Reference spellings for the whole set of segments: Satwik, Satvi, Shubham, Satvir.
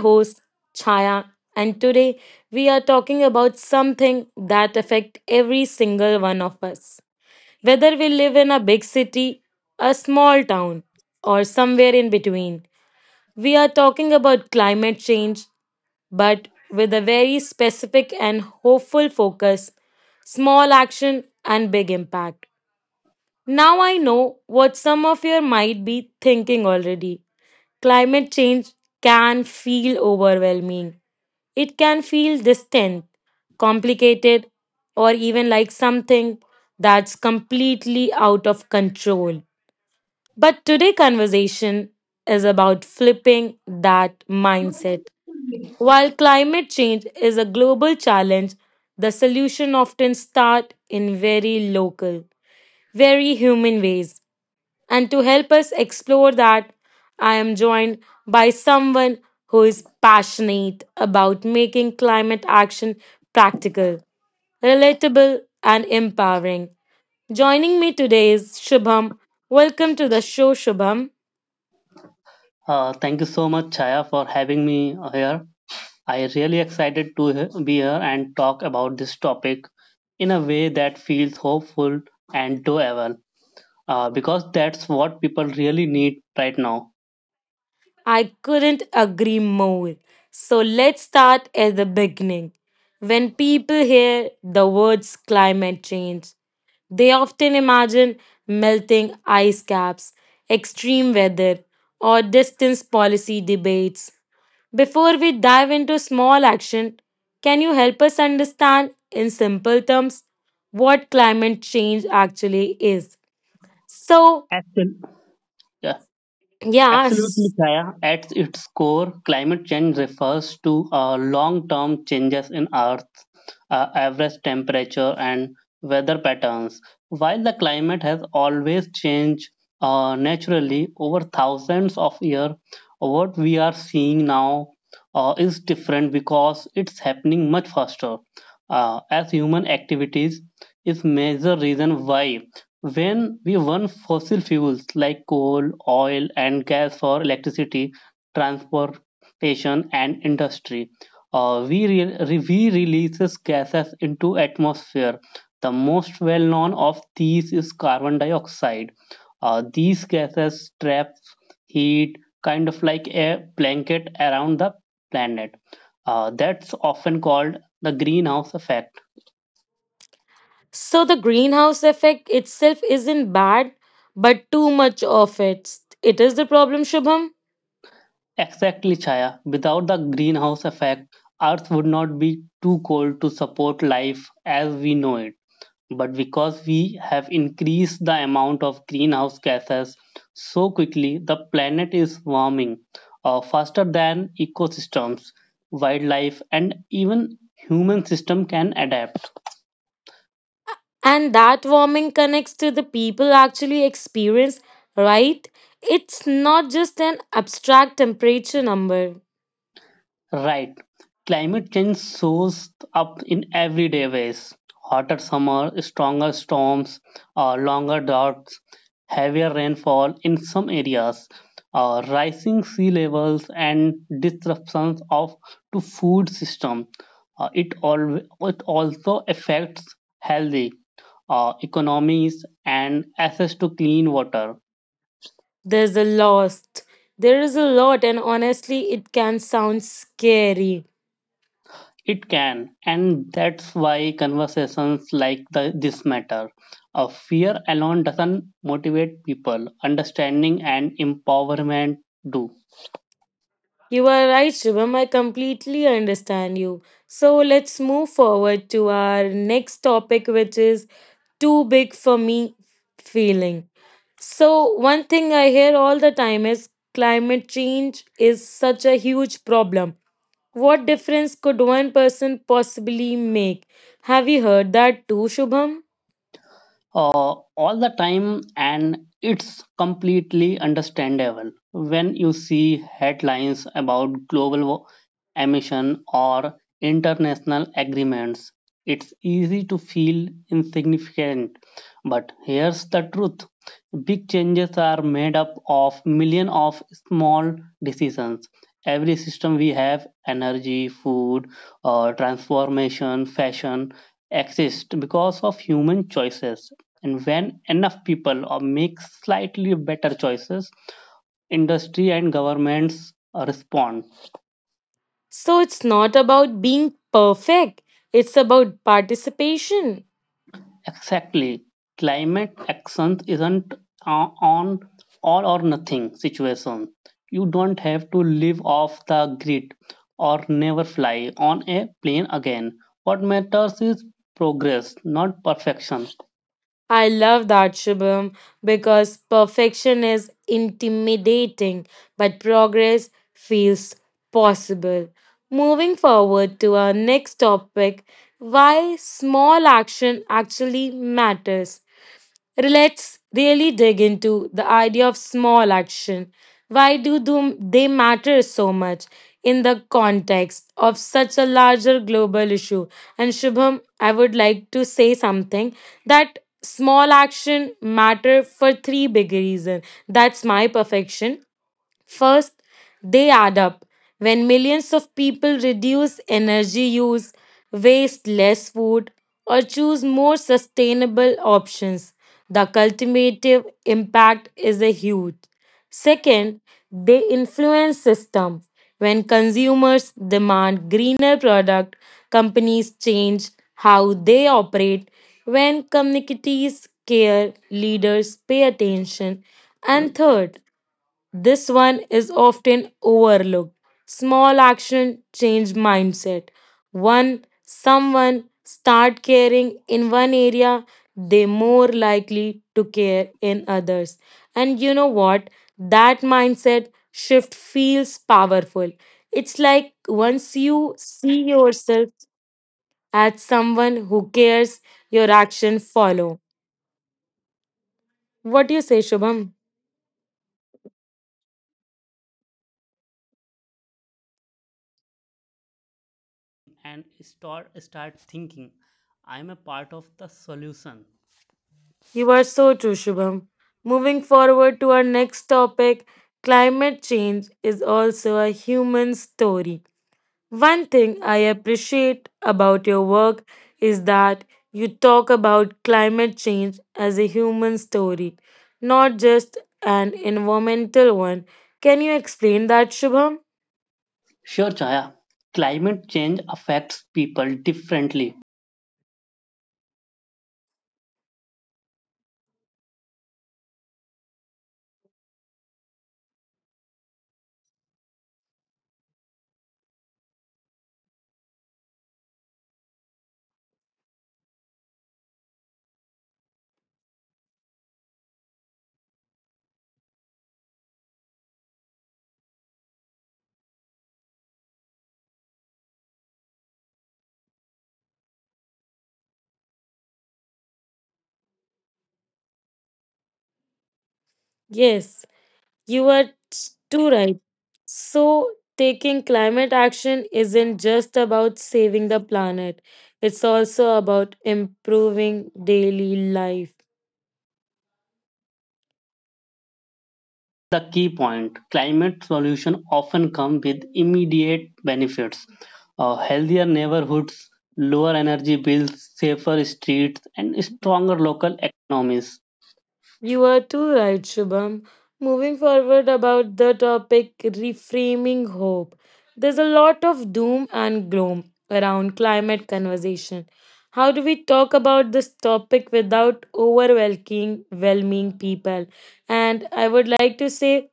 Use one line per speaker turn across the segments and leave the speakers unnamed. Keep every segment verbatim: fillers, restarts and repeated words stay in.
Host Chaya and today we are talking about something that affects every single one of us. Whether we live in a big city, a small town, or somewhere in between, we are talking about climate change, but with a very specific and hopeful focus: small action and big impact. Now I know what some of you might be thinking already. Climate change can feel overwhelming. It can feel distant, complicated, or even like something that's completely out of control. But today conversation is about flipping that mindset. While climate change is a global challenge, the solution often start in very local, very human ways. And to help us explore that, I am joined by someone who is passionate about making climate action practical, relatable, and empowering. Joining me today is Shubham. Welcome to the show, Shubham.
Uh, Chaya for me here. I really excited to he- be here and talk about this topic in a way that feels hopeful and doable, uh, because that's what people really need right now.
I couldn't agree more. So let's start at the beginning. When people hear the words climate change, they often imagine melting ice caps, extreme weather, or distance policy debates. Before we dive into small action, can you help us understand in simple terms what climate change actually is? So,
Absolutely.
yeah,
Absolutely, Kaya. At its core, climate change refers to uh, long-term changes in Earth's uh, average temperature and weather patterns. While the climate has always changed uh, naturally over thousands of years, what we are seeing now uh, is different because it's happening much faster. Uh, as human activities is major reason why when we burn fossil fuels like coal, oil, and gas for electricity, transportation, and industry, uh, we, re- re- we releases gases into atmosphere. The most well-known of these is carbon dioxide. Uh, these gases trap heat, kind of like a blanket around the planet. Uh, that's often called the greenhouse effect.
so the greenhouse effect itself isn't bad, but too much of it it is the problem, Shubham.
Exactly, Chaya. Without the greenhouse effect, Earth would not be too cold to support life as we know it. But because we have increased the amount of greenhouse gases so quickly, the planet is warming uh, faster than ecosystems, wildlife, and even human system can adapt.
And that warming connects to the people actually experience, right? It's not just an abstract temperature number.
Right. Climate change shows up in everyday ways. Hotter summer, stronger storms, uh, longer droughts, heavier rainfall in some areas, uh, rising sea levels, and disruptions of to food system. Uh, it, al- it also affects healthy uh, economies and access to clean water.
There's a lost. There is a lot, and honestly, it can sound scary.
It can, and that's why conversations like the, this matter. A fear alone doesn't motivate people, understanding and empowerment do.
You are right, Shubham. I completely understand you. So let's move forward to our next topic, which is too big for me feeling. So, one thing I hear all the time is climate change is such a huge problem. What difference could one person possibly make? Have you heard that too, Shubham?
uh, all the time. And it's completely understandable. When you see headlines about global wa- emission or international agreements, it's easy to feel insignificant. But here's the truth: big changes are made up of millions of small decisions. Every system we have, energy, food, uh, transformation, fashion, exist because of human choices. And when enough people make slightly better choices, industry and governments uh, respond.
So, it's not about being perfect, it's about participation.
Exactly. Climate action isn't uh, on all or nothing situation. You don't have to live off the grid or never fly on a plane again. What matters is progress, not perfection.
I love that, Shubham, because perfection is intimidating, but progress feels possible. Moving forward to our next topic: why small action actually matters. Let's really dig into the idea of small action. Why do them- they matter so much in the context of such a larger global issue? And Shubham, I would like to say something that small action matter for three big reasons. That's my perfection. First, they add up. When millions of people reduce energy use, waste less food, or choose more sustainable options, the cultivative impact is a huge. Second, they influence system. When consumers demand greener product, companies change how they operate. When communities care, leaders pay attention. And third, this one is often overlooked. Small action change mindset. One someone start caring in one area, they more likely to care in others. And you know what? That mindset shift feels powerful. It's like once you see yourself as someone who cares, your action follow. What do you say, Shubham?
And start start thinking I am a part of the solution.
You are so true, Shubham. Moving forward to our next topic, climate change is also a human story. One thing I appreciate about your work is that you talk about climate change as a human story, not just an environmental one. Can you explain that, Shubham?
Sure, Chaya. Climate change affects people differently.
Yes. You are too right. So, taking climate action isn't just about saving the planet, it's also about improving daily life.
The key point. Climate solutions often come with immediate benefits. Uh, healthier neighborhoods, lower energy bills, safer streets, and stronger local economies.
You are too right, Shubham. Moving forward about the topic reframing hope. There's a lot of doom and gloom around climate conversation. How do we talk about this topic without overwhelming whelming people? And I would like to say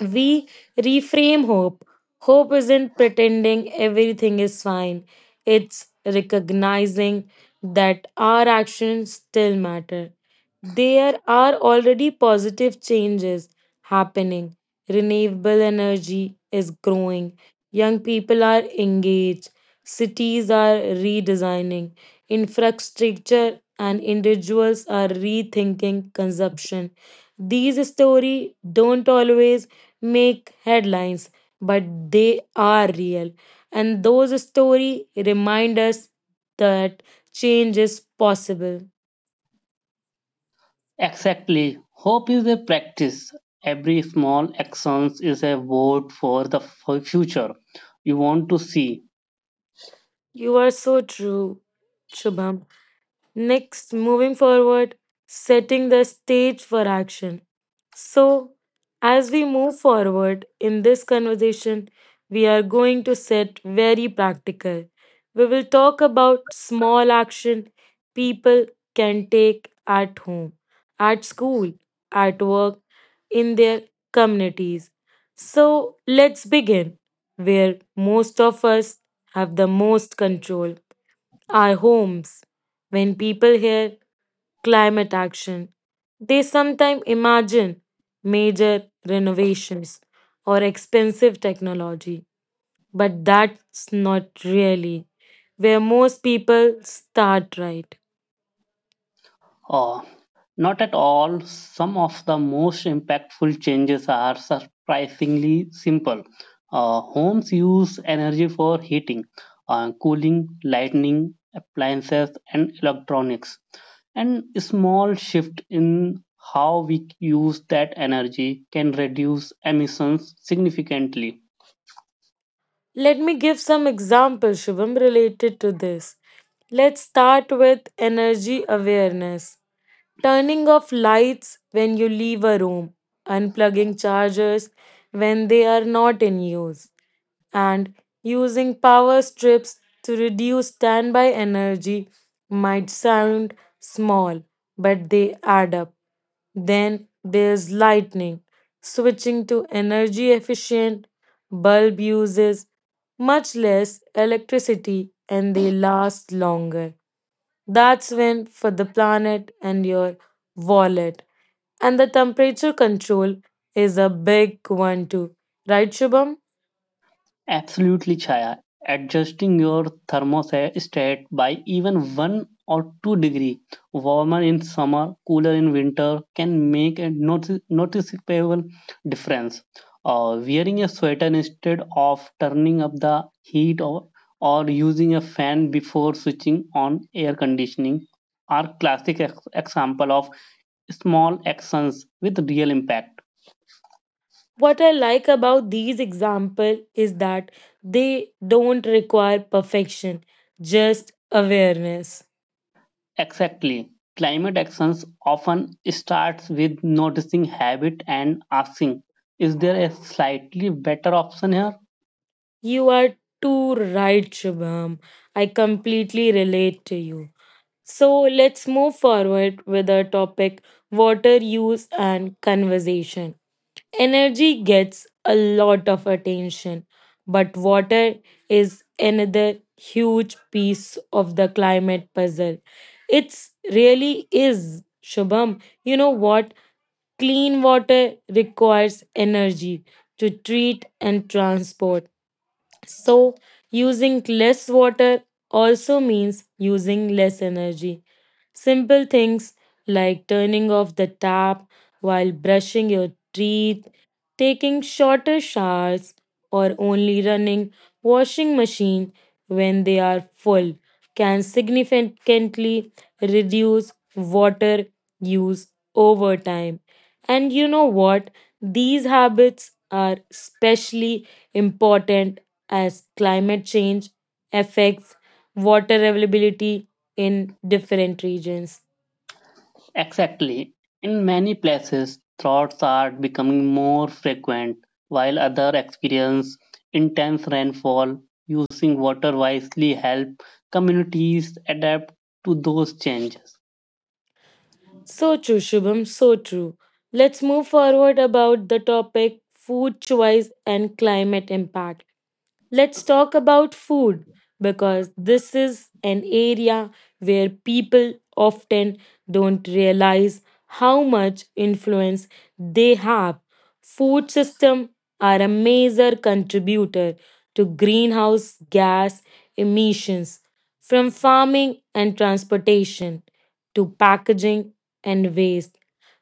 we reframe hope. Hope isn't pretending everything is fine. It's recognizing that our actions still matter, there are already positive changes happening. Renewable energy is growing. Young people are engaged. Cities are redesigning. Infrastructure and individuals are rethinking consumption. These stories don't always make headlines, but they are real. And those stories remind us that change is possible.
Exactly. Hope is a practice. Every small action is a vote for the f- future you want to see.
You are so true, Shubham. Next, moving forward, setting the stage for action. So, as we move forward in this conversation, we are going to set very practical. We will talk about small action people can take at home, at school, at work, in their communities. So, let's begin where most of us have the most control: our homes. When people hear climate action, they sometimes imagine major renovations or expensive technology. But that's not really where most people start, right?
Uh, Not at all. Some of the most impactful changes are surprisingly simple. Uh, homes use energy for heating, uh, cooling, lighting, appliances, and electronics. And a small shift in how we use that energy can reduce emissions significantly.
Let me give some examples, Shubham, related to this. Let's start with energy awareness. Turning off lights when you leave a room, unplugging chargers when they are not in use, and using power strips to reduce standby energy might sound small, but they add up. Then there's lightning. Switching to energy efficient bulb uses much less electricity and they last longer. That's win for the planet and your wallet. And the temperature control is a big one too. Right, Shubham?
Absolutely, Chaya. Adjusting your thermostat by even one or two degree warmer in summer, cooler in winter can make a notice- noticeable difference. Uh, wearing a sweater instead of turning up the heat or, or using a fan before switching on air conditioning are classic ex- example of small actions with real impact.
What I like about these examples is that they don't require perfection, just awareness.
Exactly. Climate actions often starts with noticing habit and asking, is there a slightly better option here?
You are too right, Shubham. I completely relate to you. So let's move forward with our topic water use and conservation. Energy gets a lot of attention, but water is another huge piece of the climate puzzle. It's really is, Shubham. You know what? Clean water requires energy to treat and transport. So, using less water also means using less energy. Simple things like turning off the tap while brushing your teeth, taking shorter showers, or only running washing machine when they are full can significantly reduce water use over time. And you know what? These habits are especially important as climate change affects water availability in different regions.
Exactly. In many places, droughts are becoming more frequent, while other experience intense rainfall. Using water wisely help communities adapt to those changes.
So true, Shubham, so true. Let's move forward about the topic food choice and climate impact. Let's talk about food, because this is an area where people often don't realize how much influence they have. Food systems are a major contributor to greenhouse gas emissions, from farming and transportation to packaging and waste.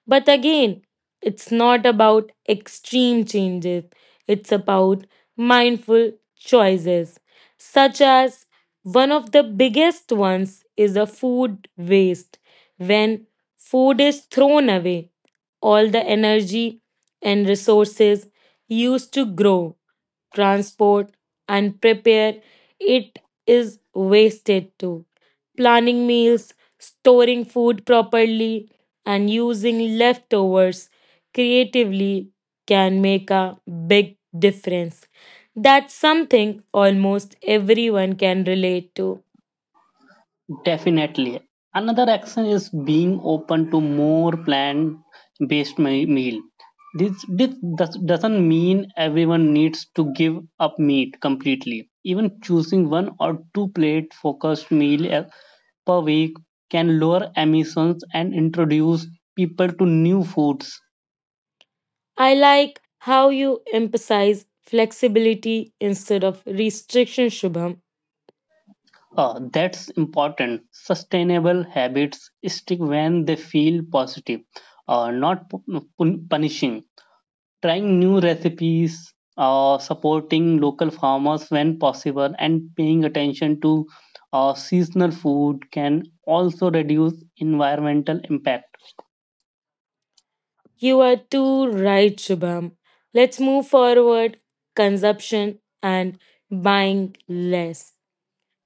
But again, it's not about extreme changes, it's about mindful choices, such as one of the biggest ones is a food waste. When food is thrown away, all the energy and resources used to grow, transport, and prepare it is wasted too. Planning meals, storing food properly, and using leftovers creatively can make a big difference. That's something almost everyone can relate to.
Definitely. Another action is being open to more plant-based me- meal. This, this does, doesn't mean everyone needs to give up meat completely. Even choosing one or two plate focused meal a- per week can lower emissions and introduce people to new foods.
I like how you emphasize flexibility instead of restriction, Shubham.
Uh, that's important. Sustainable habits stick when they feel positive, uh, not pu- pu- punishing. Trying new recipes, uh, supporting local farmers when possible, and paying attention to uh, seasonal food can also reduce environmental impact.
You are too right, Shubham. Let's move forward. Consumption and buying less.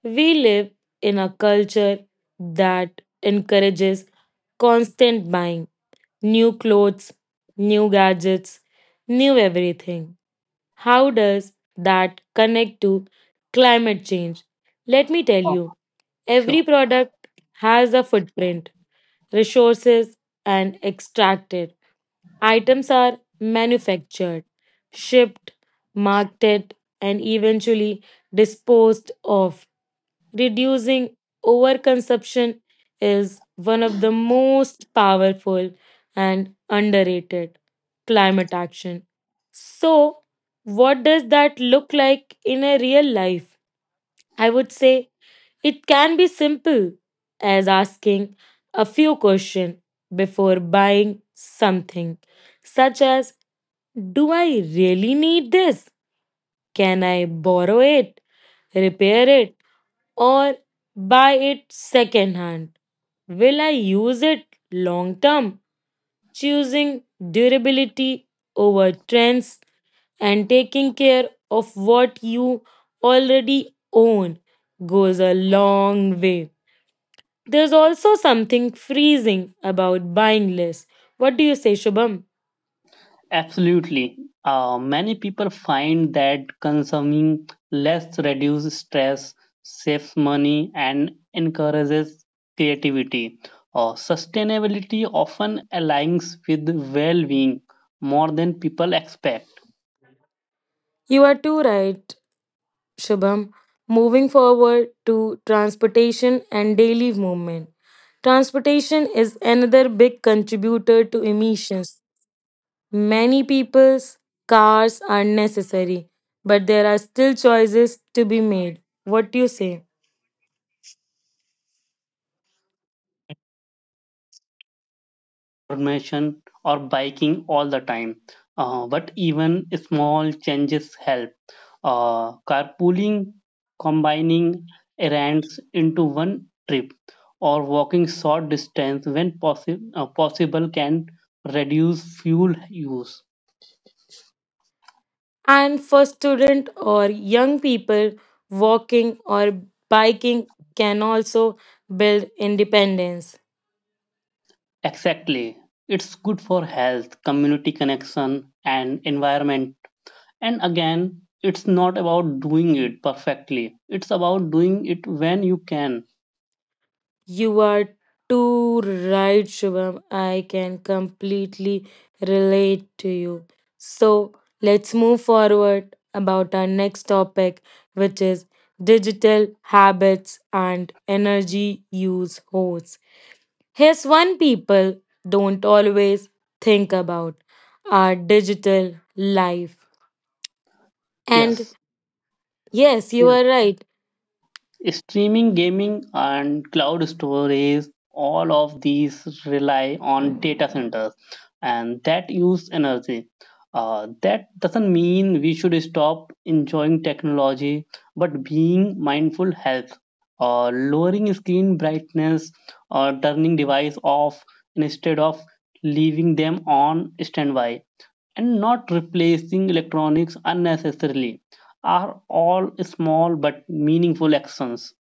We live in a culture that encourages constant buying, new clothes, new gadgets, new everything. How does that connect to climate change? Let me tell
Oh,
you, every
sure.
product has a footprint, resources, and extracted. Items are manufactured, shipped, marketed, and eventually disposed of. Reducing overconsumption is one of the most powerful and underrated climate action. So, what does that look like in a real life? I would say it can be simple as asking a few questions before buying something, such as: Do I really need this? Can I borrow it? Repair it? Or buy it secondhand? Will I use it long term? Choosing durability over trends and taking care of what you already own goes a long way. There's also something freezing about buying less. What do you say, Shubham?
Absolutely. Uh, many people find that consuming less reduces stress, saves money, and encourages creativity. Uh, sustainability often aligns with well being more than people expect.
You are too right, Shubham. Moving forward to transportation and daily movement. Transportation is another big contributor to emissions. Many people's cars are necessary, but there are still choices to be made. What do you say?
Information or biking all the time. Uh, but even small changes help. Uh, carpooling, combining errands into one trip, or walking short distance when possi- uh, possible can reduce fuel use.
And for student or young people, walking or biking can also build independence.
Exactly. It's good for health, community connection, and environment. And again, it's not about doing it perfectly, it's about doing it when you can.
You are too right, Shubham. I can completely relate to you. So let's move forward about our next topic, which is digital habits and energy use hosts. Here's one people don't always think about, our digital life. And
Yes.
yes, you are right.
Streaming, gaming, and cloud storage, all of these rely on data centers and that use energy. Uh, that doesn't mean we should stop enjoying technology, but being mindful helps. Uh, lowering screen brightness or turning device off instead of leaving them on standby and not replacing electronics unnecessarily are all small but meaningful actions.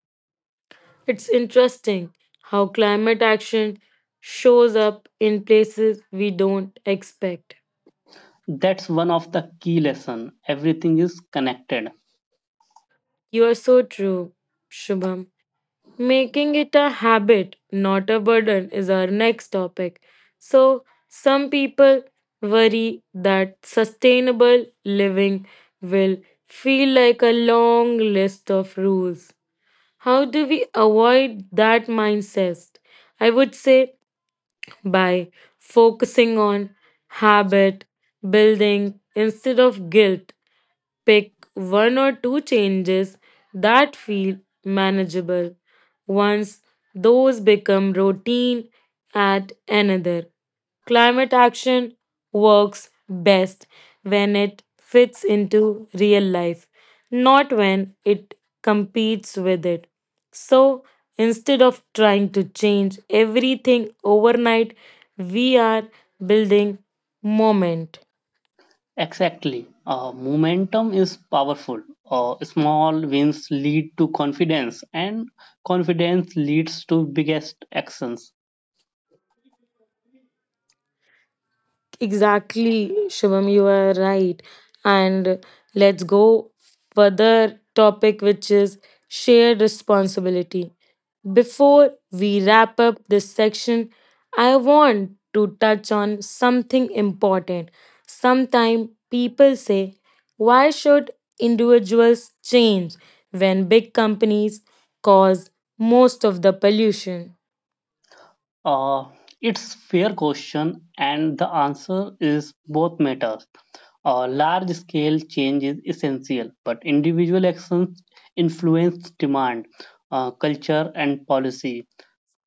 It's interesting how climate action shows up in places we don't expect.
That's one of the key lesson, everything is connected.
You are so true, Shubham. Making it a habit, not a burden, is our next topic. So, some people worry that sustainable living will feel like a long list of rules. How do we avoid that mindset? I would say by focusing on habit building instead of guilt. Pick one or two changes that feel manageable. Once those become routine, add another. Climate action works best when it fits into real life, not when it competes with it. So instead of trying to change everything overnight, we are building moment.
Exactly. Uh, momentum is powerful. Uh, small wins lead to confidence and confidence leads to biggest actions.
Exactly, Shivam, you are right. And let's go further topic which is shared responsibility. Before we wrap up this section, I want to touch on something important. Sometimes people say, why should individuals change when big companies cause most of the pollution?
Uh, it's fair question and the answer is both matters. Uh, large scale change is essential but individual actions influence demand, uh, culture and policy.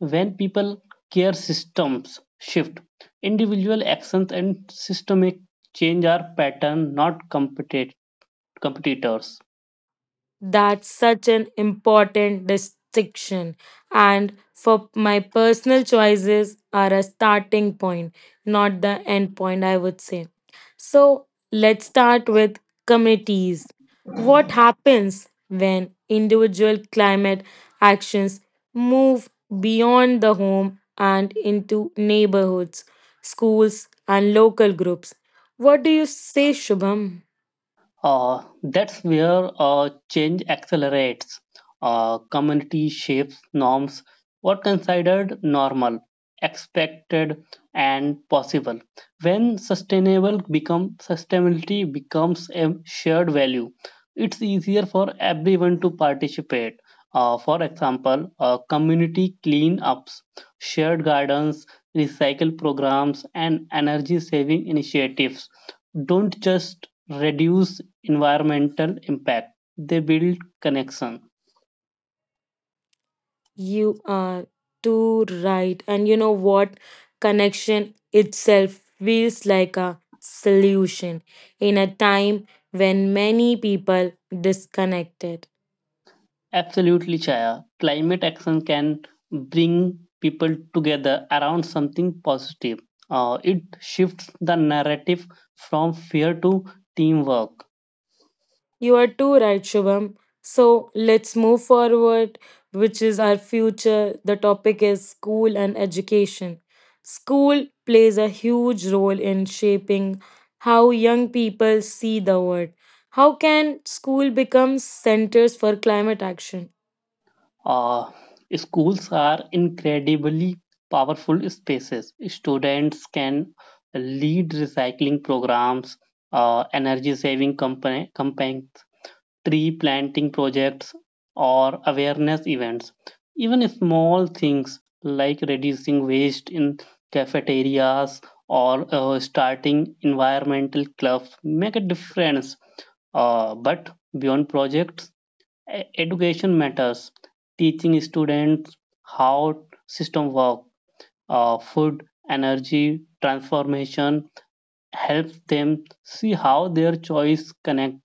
When people care systems shift, individual actions and systemic change are pattern, not competi- competitors.
That's such an important distinction. And for my personal choices are a starting point, not the end point, I would say. So let's start with communities. What happens when individual climate actions move beyond the home and into neighborhoods, schools, and local groups? What do you say, Shubham?
Uh, that's where uh, change accelerates. Uh, community shapes norms, what considered normal, expected, and possible. When sustainable become sustainability becomes a shared value, it's easier for everyone to participate. Uh, for example, uh, community cleanups, shared gardens, recycle programs, and energy saving initiatives don't just reduce environmental impact. They build connection.
You are too right. And you know what? Connection itself feels like a solution in a time when many people disconnected.
Absolutely, Chaya. Climate action can bring people together around something positive. Uh, it shifts the narrative from fear to teamwork.
You are too right, Shubham. So let's move forward, which is our future. The topic is school and education. School plays a huge role in shaping how young people see the world. How can school become centers for climate action?
Uh, schools are incredibly powerful spaces. Students can lead recycling programs, uh, energy saving company, campaigns, tree planting projects or awareness events. Even small things like reducing waste in cafeterias or uh, starting environmental clubs make a difference. Uh, but beyond projects, e- education matters. Teaching students how system work, uh, food, energy, transformation helps them see how their choice connect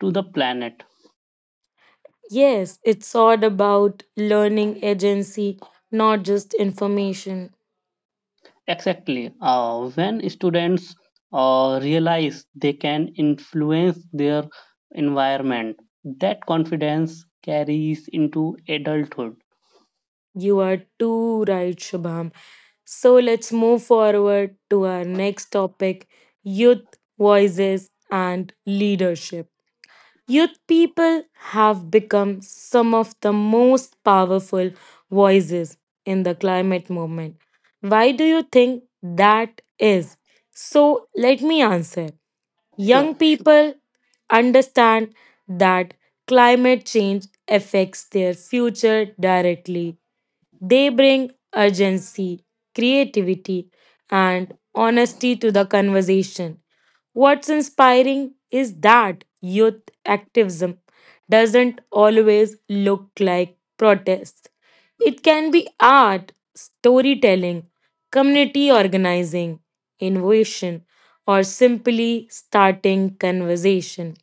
to the planet.
Yes, it's all about learning agency, not just information.
Exactly. Uh, when students uh, realize they can influence their environment, that confidence carries into adulthood.
You are too right, Shubham. So let's move forward to our next topic, youth voices and leadership. Youth people have become some of the most powerful voices in the climate movement. Why do you think that is? So, let me answer.
Sure.
Young people understand that climate change affects their future directly. They bring urgency, creativity, and honesty to the conversation. What's inspiring is that youth activism doesn't always look like protest. It can be art, storytelling, community organizing, innovation, or simply starting conversation,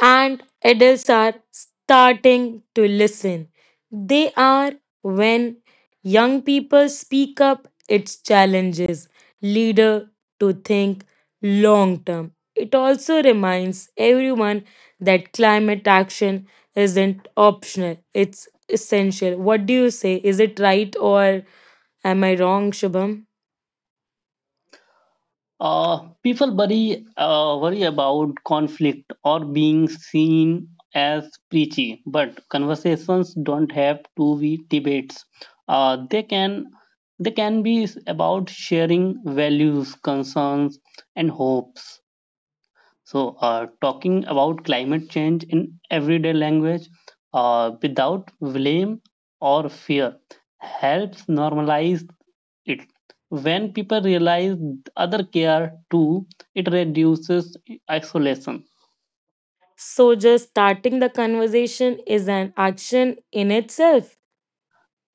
and adults are starting to listen. They are, when young people speak up, its challenges leader to think long term. It also reminds everyone that climate action isn't optional, it's essential. What do you say? Is it right or am I wrong, Shubham?
Uh, people worry, uh, worry about conflict or being seen as preachy, but conversations don't have to be debates. Uh, they can they can be about sharing values, concerns, and hopes. So, uh, talking about climate change in everyday language uh, without blame or fear helps normalize it. When people realize other care too, it reduces isolation.
So, just starting the conversation is an action in itself.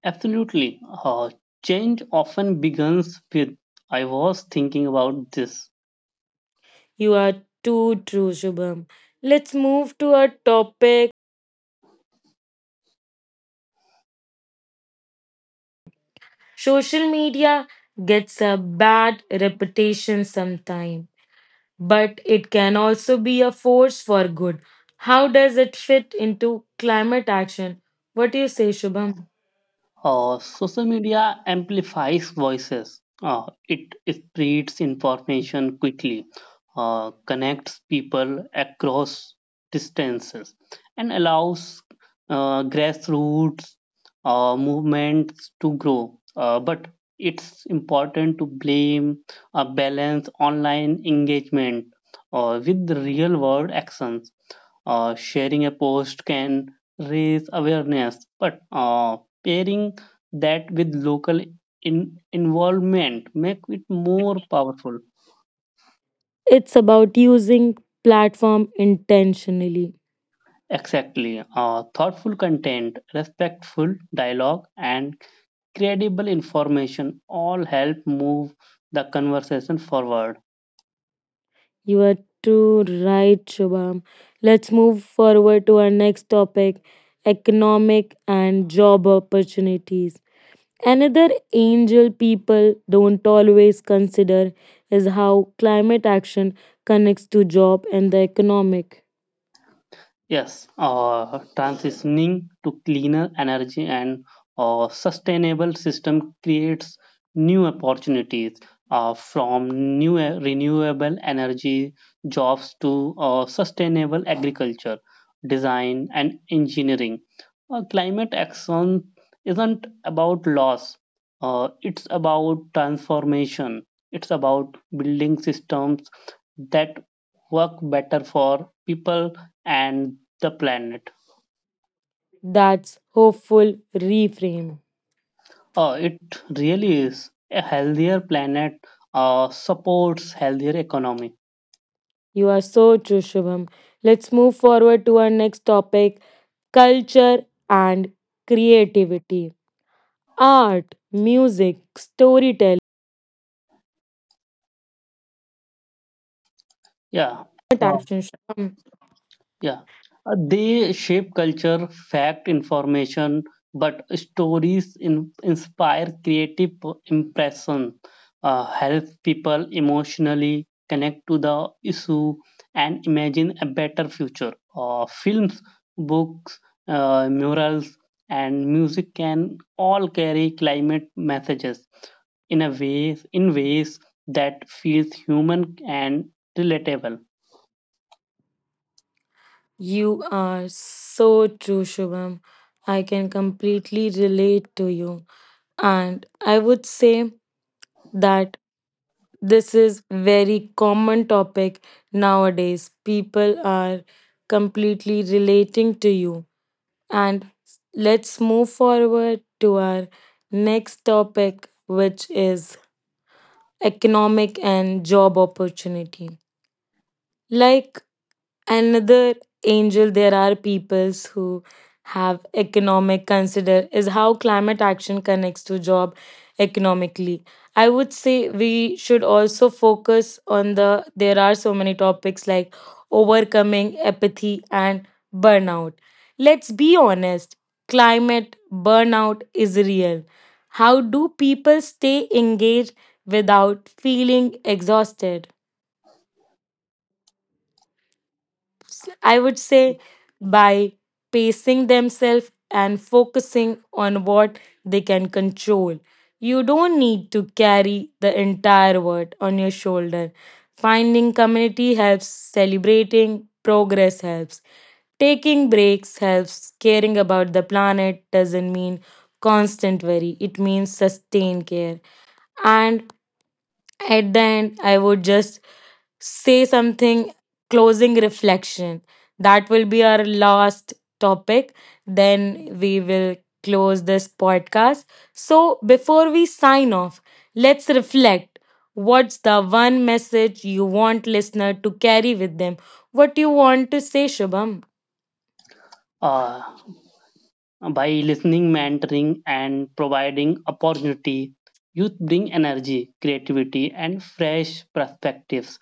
Absolutely. Uh, change often begins with I was thinking about this.
You are too true, Shubham. Let's move to a topic. Social media gets a bad reputation sometimes, but it can also be a force for good. How does it fit into climate action? What do you say, Shubham?
Uh, social media amplifies voices. Uh, it spreads information quickly, uh, connects people across distances, and allows uh, grassroots uh, movements to grow. Uh, but it's important to blame a balance online engagement uh, with real world actions. Uh, sharing a post can raise awareness, but uh, pairing that with local in- involvement make it more powerful.
It's about using platform intentionally.
Exactly, uh, thoughtful content, respectful dialogue, and credible information all help move the conversation forward.
You are too right, Shubham. Let's move forward to our next topic, economic and job opportunities. Another angel people don't always consider is how climate action connects to job and the economic.
Yes, uh, transitioning to cleaner energy and uh, sustainable system creates new opportunities uh, from new e- renewable energy jobs to uh, sustainable agriculture, design, and engineering. Uh, climate action isn't about loss, uh, it's about transformation. It's about building systems that work better for people and the planet.
That's hopeful reframe.
Uh, it really is a healthier planet uh, supports healthier economy.
You are so true, Shubham. Let's move forward to our next topic, culture and creativity. Art, music, storytelling
Yeah. Uh,
attraction, Shubham.
Yeah, uh, they shape culture, fact, information, but stories in, inspire creative p- impression, uh, help people emotionally connect to the issue and imagine a better future. Uh, films, books, uh, murals, and music can all carry climate messages in a ways in ways that feels human and relatable.
You are so true, Shubham. I can completely relate to you. And I would say that this is very common topic nowadays. People are completely relating to you. And let's move forward to our next topic, which is economic and job opportunity. Like another angel, there are peoples who have economic consider is how climate action connects to job economically. I would say we should also focus on the there are so many topics like overcoming apathy and burnout. Let's be honest, climate burnout is real. How do people stay engaged without feeling exhausted? I would say by pacing themselves and focusing on what they can control. You don't need to carry the entire world on your shoulder. Finding community helps, celebrating progress helps, taking breaks helps, caring about the planet doesn't mean constant worry, it means sustained care. And at the end, I would just say something closing reflection. That will be our last topic. Then we will close this podcast. So, before we sign off, let's reflect. What's the one message you want listener to carry with them? What do you want to say, Shubham?
Uh, By listening, mentoring, and providing opportunity, youth bring energy, creativity, and fresh perspectives.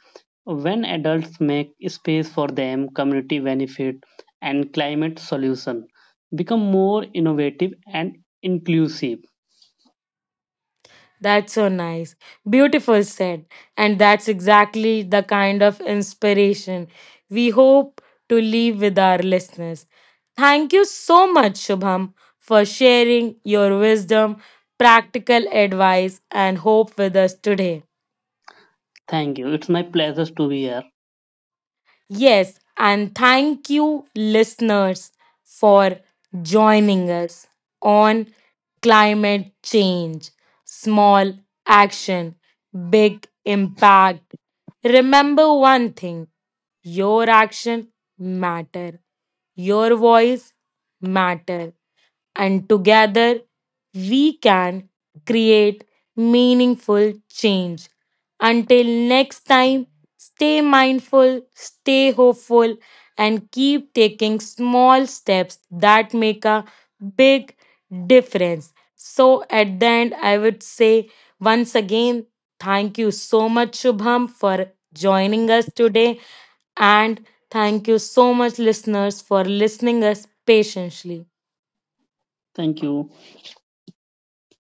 When adults make space for them, community benefit and climate solution become more innovative and inclusive.
That's so nice. Beautiful said. And that's exactly the kind of inspiration we hope to leave with our listeners. Thank you so much, Shubham, for sharing your wisdom, practical advice, and hope with us today.
Thank you. It's my pleasure to be here.
Yes, and thank you, listeners, for joining us on climate change. Small action, big impact. Remember one thing, your action matter, your voice matter, and together we can create meaningful change. Until next time, stay mindful, stay hopeful, and keep taking small steps that make a big difference. So, at the end, I would say once again, thank you so much, Shubham, for joining us today. And thank you so much, listeners, for listening us patiently.
Thank you.